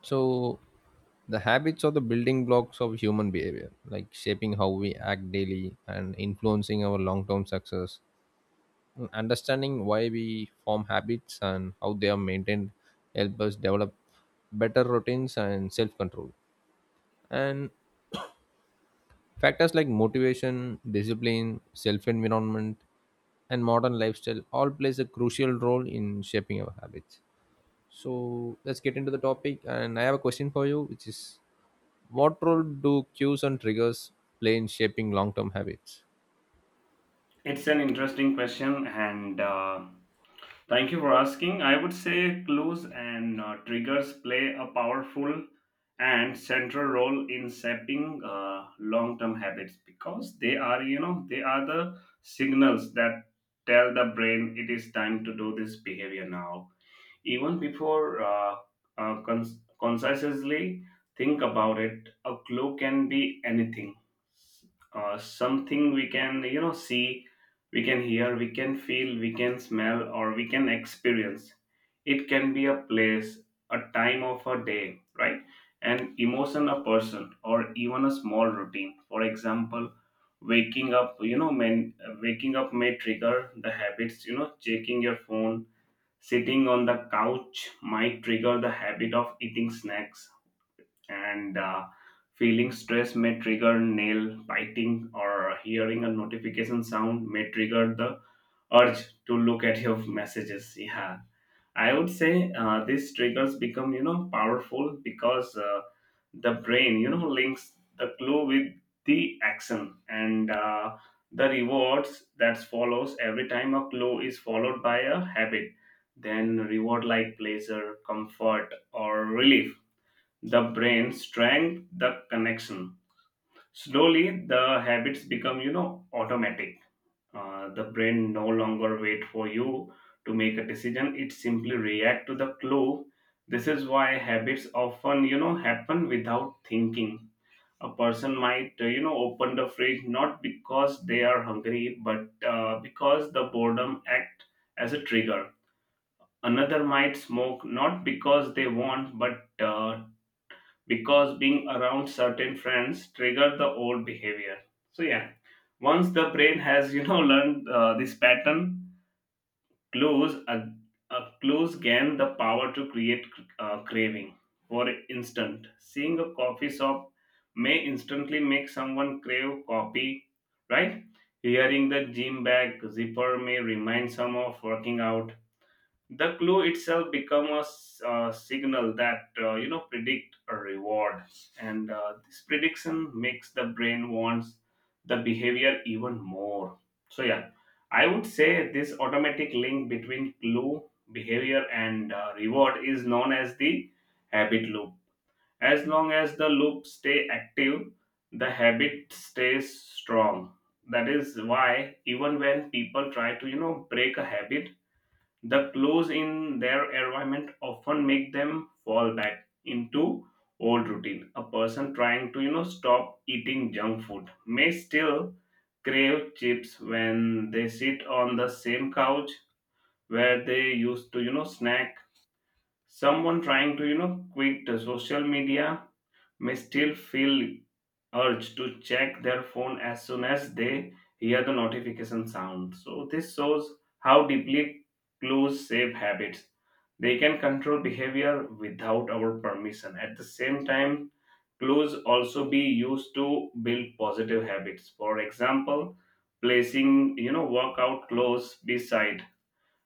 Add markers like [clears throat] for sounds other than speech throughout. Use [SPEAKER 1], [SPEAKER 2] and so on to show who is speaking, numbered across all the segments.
[SPEAKER 1] So, the habits are the building blocks of human behavior, like shaping how we act daily and influencing our long term success. Understanding why we form habits and how they are maintained help us develop better routines and self control. And factors like motivation, discipline, self environment, and modern lifestyle all plays a crucial role in shaping our habits. So let's get into the topic. And I have a question for you, which is, what role do cues and triggers play in shaping long term habits?
[SPEAKER 2] It's an interesting question, and thank you for asking. I would say clues and triggers play a powerful and central role in shaping long-term habits because they are the signals that tell the brain it is time to do this behavior now even before consciously think about it. A clue can be anything. Something we can, see, we can hear, we can feel, we can smell, or we can experience. It can be a place, a time of a day, right? An emotion, a person, or even a small routine. For example, waking up, you know, men, waking up may trigger the habits, checking your phone. Sitting on the couch might trigger the habit of eating snacks, and feeling stress may trigger nail biting, or hearing a notification sound may trigger the urge to look at your messages. Yeah, I would say these triggers become powerful because the brain links the clue with the action and the rewards that follows. Every time a clue is followed by a habit then reward like pleasure, comfort or relief, the brain strengthens the connection. Slowly the habits become automatic. The brain no longer wait for you to make a decision, it simply react to the clue. This is why habits often happen without thinking. A person might open the fridge not because they are hungry but because the boredom act as a trigger. Another might smoke not because they want but because being around certain friends trigger the old behavior. So yeah, once the brain has [laughs] learned this pattern, Clues, a clues gain the power to create craving. For instance, seeing a coffee shop may instantly make someone crave coffee, right? Hearing the gym bag zipper may remind some of working out. The clue itself become a signal that predict a reward, and this prediction makes the brain wants the behavior even more. So yeah, I would say this automatic link between clue, behavior and reward is known as the habit loop. As long as the loop stay active, the habit stays strong. That is why even when people try to, break a habit, the clothes in their environment often make them fall back into old routine. A person trying to, stop eating junk food may still crave chips when they sit on the same couch where they used to, snack. Someone trying to, quit the social media may still feel urge to check their phone as soon as they hear the notification sound. So, this shows how deeply clues shape habits. They can control behavior without our permission. At the same time, clues also be used to build positive habits. For example, placing workout clothes beside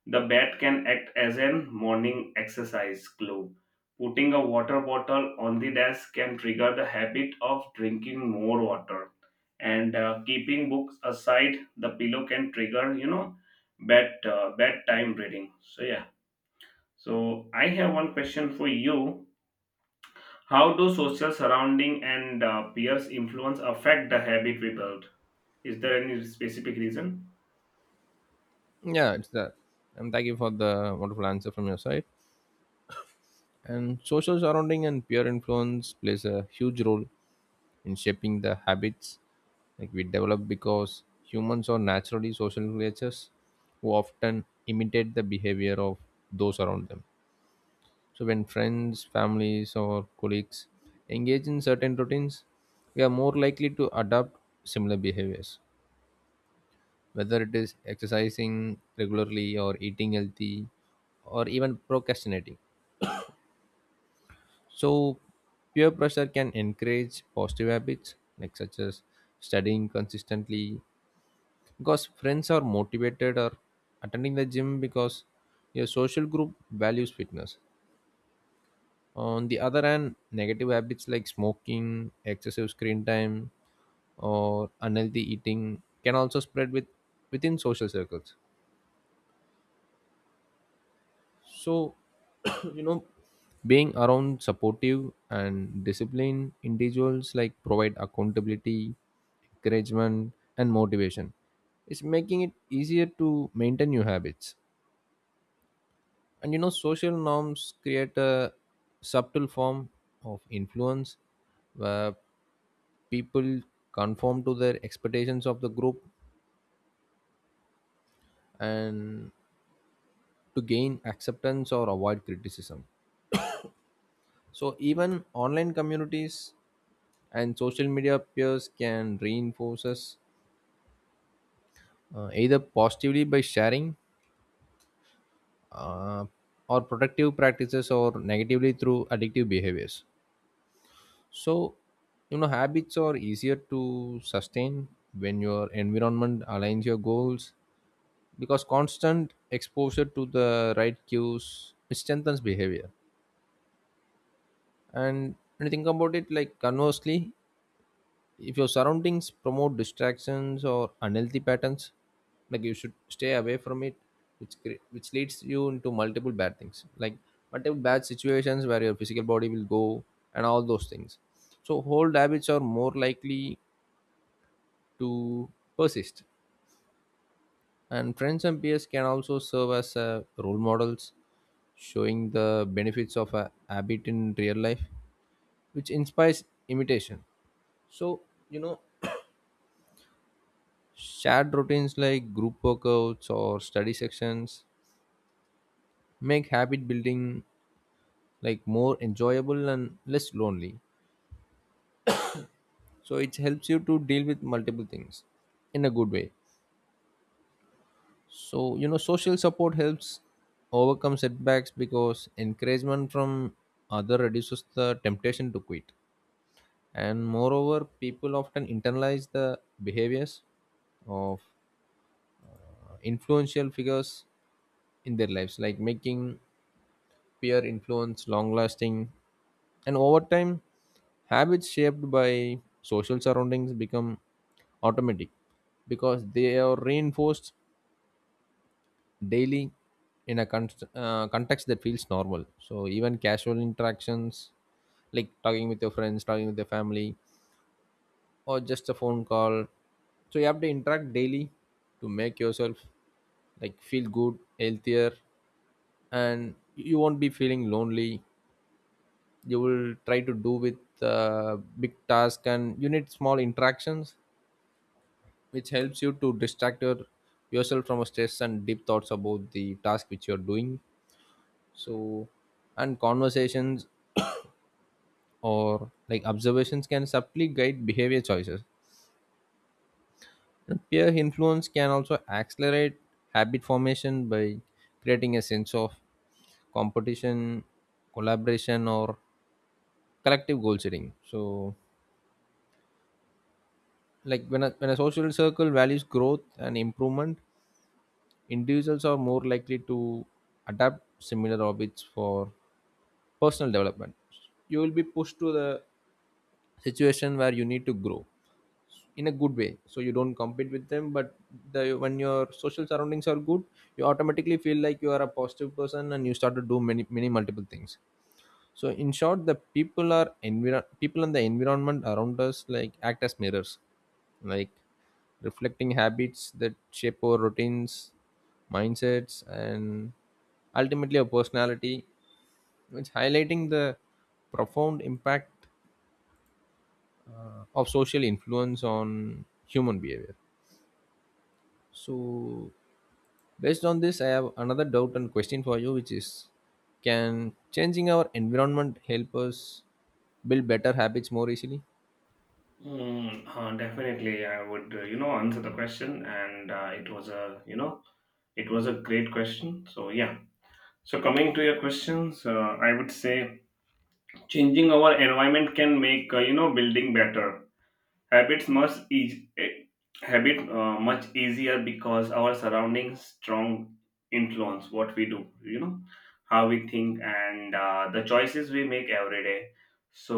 [SPEAKER 2] the bat can act as an morning exercise clue. Putting a water bottle on the desk can trigger the habit of drinking more water. And keeping books aside the pillow can trigger, bedtime reading. So yeah. So I have one question for you. How do social surrounding and peers influence affect the habit we build? Is there any specific reason?
[SPEAKER 1] Yeah, it's that. And thank you for the wonderful answer from your side. And social surrounding and peer influence plays a huge role in shaping the habits like we develop because humans are naturally social creatures who often imitate the behavior of those around them. So when friends, families, or colleagues engage in certain routines, we are more likely to adopt similar behaviors, whether it is exercising regularly or eating healthy or even procrastinating. So peer pressure can encourage positive habits like such as studying consistently because friends are motivated, or attending the gym because your social group values fitness. On the other hand, negative habits like smoking, excessive screen time, or unhealthy eating can also spread with within social circles. So, [clears throat] you know, being around supportive and disciplined individuals like provide accountability, encouragement, and motivation. It's making it easier to maintain your habits. And you know, social norms create a subtle form of influence where people conform to their expectations of the group and to gain acceptance or avoid criticism. So even online communities and social media peers can reinforce us, either positively by sharing uh, or productive practices, or negatively through addictive behaviors. So you know, habits are easier to sustain when your environment aligns your goals, because constant exposure to the right cues strengthens behavior. And when you think about it, like conversely, if your surroundings promote distractions or unhealthy patterns, like you should stay away from it, which which leads you into multiple bad things, like multiple bad situations where your physical body will go and all those things. So old habits are more likely to persist. And friends and peers can also serve as role models, showing the benefits of a habit in real life, which inspires imitation. So you know, shared routines like group workouts or study sections make habit building like more enjoyable and less lonely. So it helps you to deal with multiple things in a good way. So you know, social support helps overcome setbacks because encouragement from other reduces the temptation to quit. And moreover, people often internalize the behaviors of influential figures in their lives, like making peer influence long lasting. And over time, habits shaped by social surroundings become automatic because they are reinforced daily in a context that feels normal. So, even casual interactions like talking with your friends, talking with your family, or just a phone call. So, you have to interact daily to make yourself like feel good, healthier, and you won't be feeling lonely. You will try to do with big task and you need small interactions which helps you to distract yourself from stress and deep thoughts about the task which you're doing. So and conversations or like observations can subtly guide behavior choices. And peer influence can also accelerate habit formation by creating a sense of competition, collaboration, or collective goal setting. So like when a social circle values growth and improvement, individuals are more likely to adapt similar habits for personal development. You will be pushed to the situation where you need to grow in a good way, so you don't compete with them, but the when your social surroundings are good, you automatically feel like you are a positive person and you start to do many many multiple things. So in short, the people and the environment around us like act as mirrors, like reflecting habits that shape our routines, mindsets, and ultimately our personality, which highlighting the profound impact of social influence on human behavior. So based on this, I have another doubt and question for you, which is, can changing our environment help us build better habits more easily?
[SPEAKER 2] Definitely, I would, answer the question, and it was a great question. So yeah. So coming to your questions, I would say changing our environment can make building better. Habits much eas eh, habit much easier because our surroundings strong influence what we do. You know how we think and the choices we make every day. So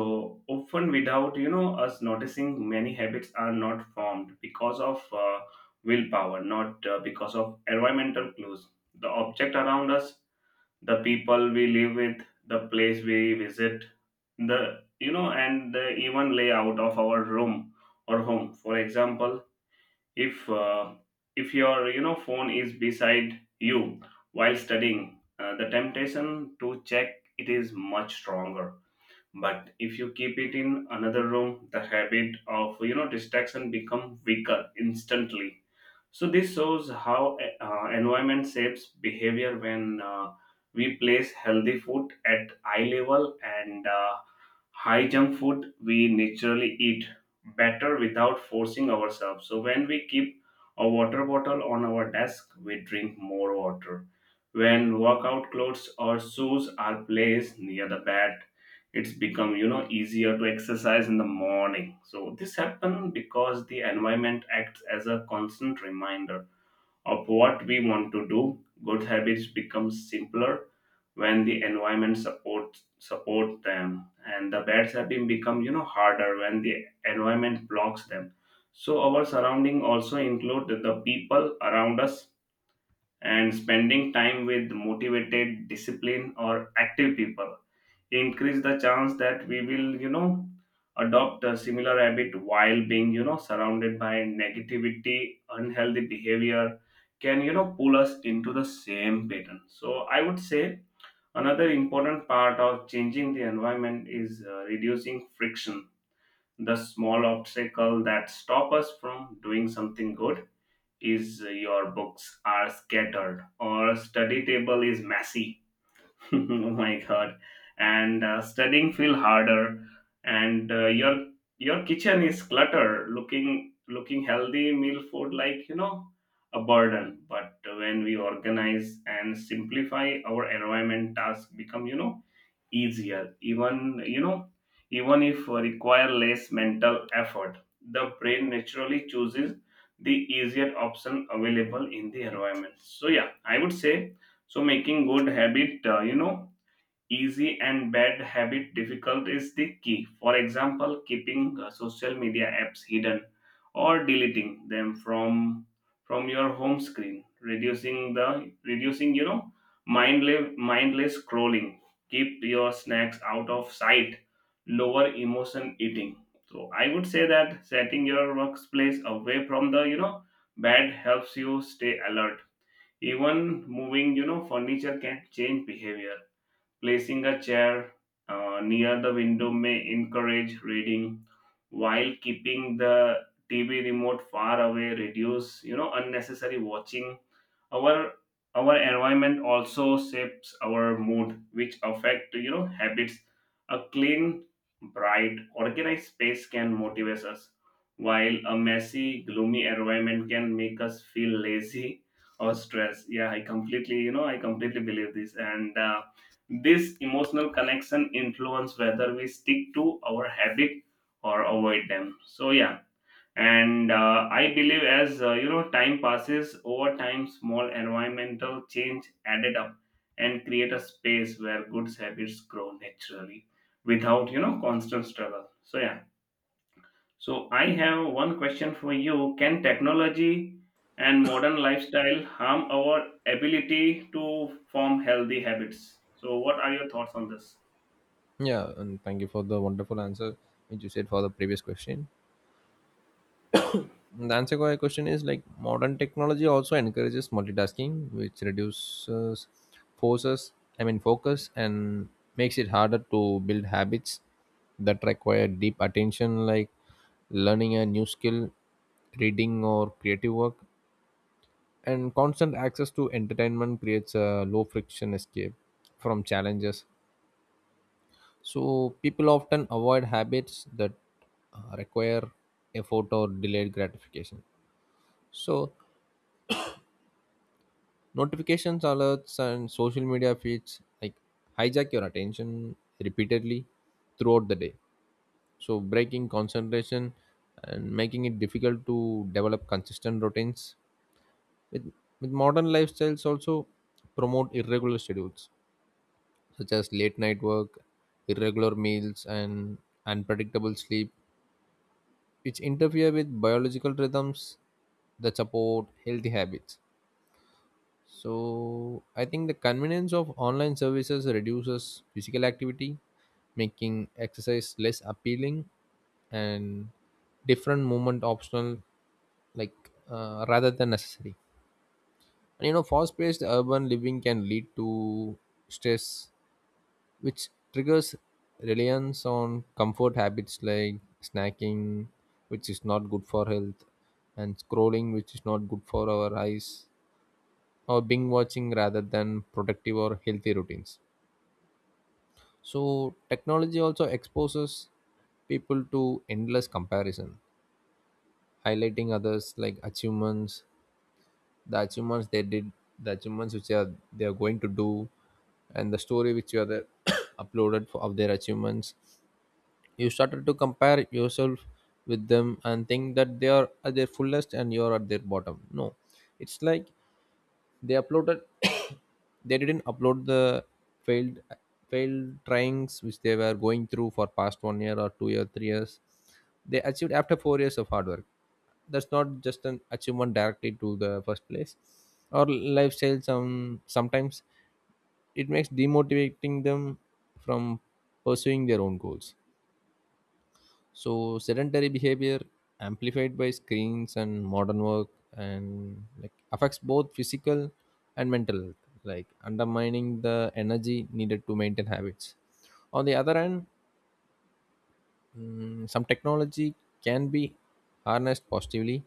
[SPEAKER 2] often without us noticing, many habits are not formed because of willpower, not because of environmental clues. The object around us, the people we live with, the place we visit, and the even layout of our room or home. For example, if uh, if your phone is beside you while studying, the temptation to check it is much stronger. But if you keep it in another room, the habit of distraction become weaker instantly. So this shows how environment shapes behavior. When we place healthy food at eye level and high junk food we naturally eat better without forcing ourselves. So when we keep a water bottle on our desk we drink more water. When workout clothes or shoes are placed near the bed, it's become easier to exercise in the morning. So this happens because the environment acts as a constant reminder of what we want to do. Good habits become simpler when the environment supports support them, and the bad habits become harder when the environment blocks them. So our surrounding also include the people around us, and spending time with motivated, disciplined, or active people increase the chance that we will adopt a similar habit, while being surrounded by negativity, unhealthy behavior can pull us into the same pattern. So I would say another important part of changing the environment is reducing friction, the small obstacle that stop us from doing something good. Is Your books are scattered or study table is messy, [laughs] oh my god! And studying feel harder, and your your kitchen is clutter, looking healthy meal food like a burden. But when we organize and simplify our environment, tasks become easier. Even you know Even if require less mental effort, the brain naturally chooses the easier option available in the environment. So yeah, I would say so making good habit easy and bad habit difficult is the key. For example, keeping social media apps hidden or deleting them from your home screen, reducing the reducing mindless scrolling. Keep your snacks out of sight. Lower emotion eating. So I would say that setting your workplace away from the bad helps you stay alert. Even moving furniture can change behavior. Placing a chair near the window may encourage reading, while keeping the TV remote far away reduce unnecessary watching. Our our environment also shapes our mood, which affect habits. A clean, bright, organized space can motivate us, while a messy, gloomy environment can make us feel lazy or stress. Yeah, I completely I completely believe this, and this emotional connection influence whether we stick to our habit or avoid them. So yeah, and I believe as time passes, over time, small environmental change added up and create a space where good habits grow naturally without constant struggle. So yeah. So I have one question for you. Can technology and modern lifestyle harm our ability to form healthy habits? So what are your thoughts on this?
[SPEAKER 1] Yeah, and thank you for the wonderful answer which you said for the previous question. And the answer to my question is like modern technology also encourages multitasking, which reduces forces, I mean focus, and makes it harder to build habits that require deep attention, like learning a new skill, reading, or creative work. And constant access to entertainment creates a low friction escape from challenges. So people often avoid habits that require effort or delayed gratification. So notifications, alerts, and social media feeds like hijack your attention repeatedly throughout the day, so breaking concentration and making it difficult to develop consistent routines. With with modern lifestyles also promote irregular schedules such as late night work, irregular meals, and unpredictable sleep, which interfere with biological rhythms that support healthy habits. So I think the convenience of online services reduces physical activity, making exercise less appealing and different movement optional, like rather than necessary. And you know, fast paced urban living can lead to stress which triggers reliance on comfort habits like snacking, which is not good for health, and scrolling, which is not good for our eyes, or binge watching, rather than productive or healthy routines. So, technology also exposes people to endless comparison, highlighting others like achievements, the achievements they did, the achievements which are they are going to do, and the story which you are there [coughs] uploaded for, of their achievements. You started to compare yourself with them and think that they are at their fullest and you're at their bottom. No, it's like they uploaded, [coughs] they didn't upload the failed failed tryings which they were going through for past 1 year or 2 year 3 years. They achieved after 4 years of hard work. That's not just an achievement directly to the first place or lifestyle. Sometimes it makes demotivating them from pursuing their own goals. So sedentary behavior amplified by screens and modern work and like affects both physical and mental health, like undermining the energy needed to maintain habits. On the other hand, some technology can be harnessed positively,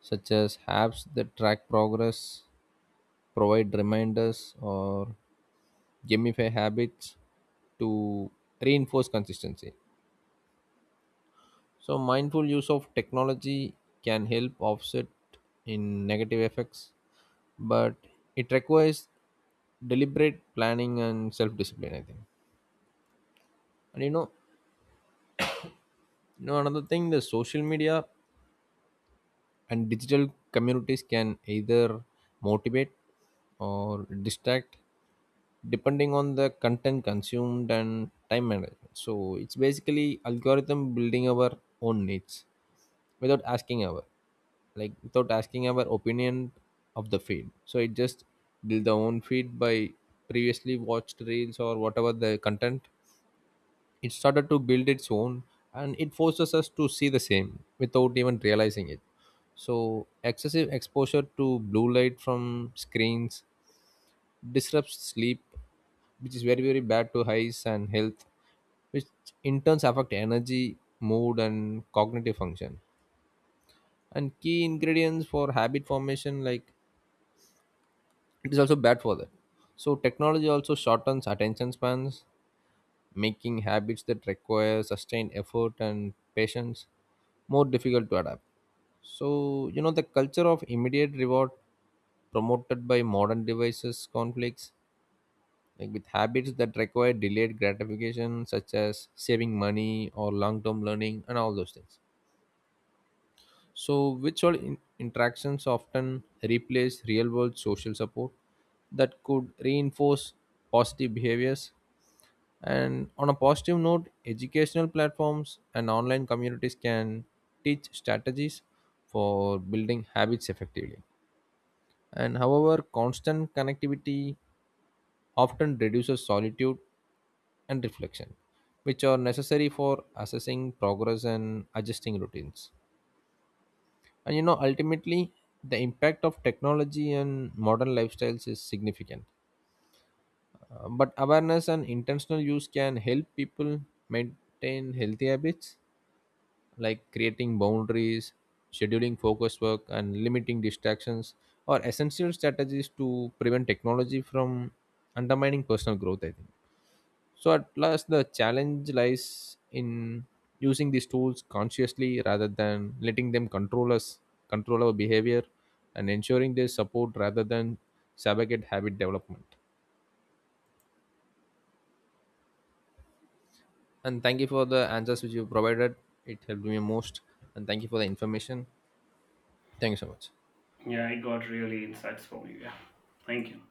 [SPEAKER 1] such as apps that track progress, provide reminders, or gamify habits to reinforce consistency. So, mindful use of technology can help offset in negative effects, but it requires deliberate planning and self discipline, I think. And you know, another thing, the social media and digital communities can either motivate or distract depending on the content consumed and time management. So it's basically algorithm building our own needs without asking our, like without asking our opinion of the feed. So it just build the own feed by previously watched reels or whatever the content, it started to build its own and it forces us to see the same without even realizing it. So, excessive exposure to blue light from screens disrupts sleep, which is very, very bad to eyes and health, which in turns affect energy, mood, and cognitive function. And key ingredients for habit formation, like it is also bad for that. So, technology also shortens attention spans, making habits that require sustained effort and patience more difficult to adapt. So, you know, the culture of immediate reward promoted by modern devices conflicts like with habits that require delayed gratification, such as saving money or long-term learning and all those things. So virtual interactions often replace real-world social support that could reinforce positive behaviors. And on a positive note, educational platforms and online communities can teach strategies for building habits effectively. And however, constant connectivity often reduces solitude and reflection, which are necessary for assessing progress and adjusting routines. And you know, ultimately, the impact of technology and modern lifestyles is significant. But awareness and intentional use can help people maintain healthy habits, like creating boundaries, scheduling focus work, and limiting distractions are essential strategies to prevent technology from undermining personal growth, I think. So, at last, the challenge lies in using these tools consciously rather than letting them control us, control our behavior, and ensuring they support rather than sabotage habit development. And thank you for the answers which you provided. It helped me most. And thank you for the information. Thank you so much.
[SPEAKER 2] Yeah, I got really insights from you. Yeah. Thank you.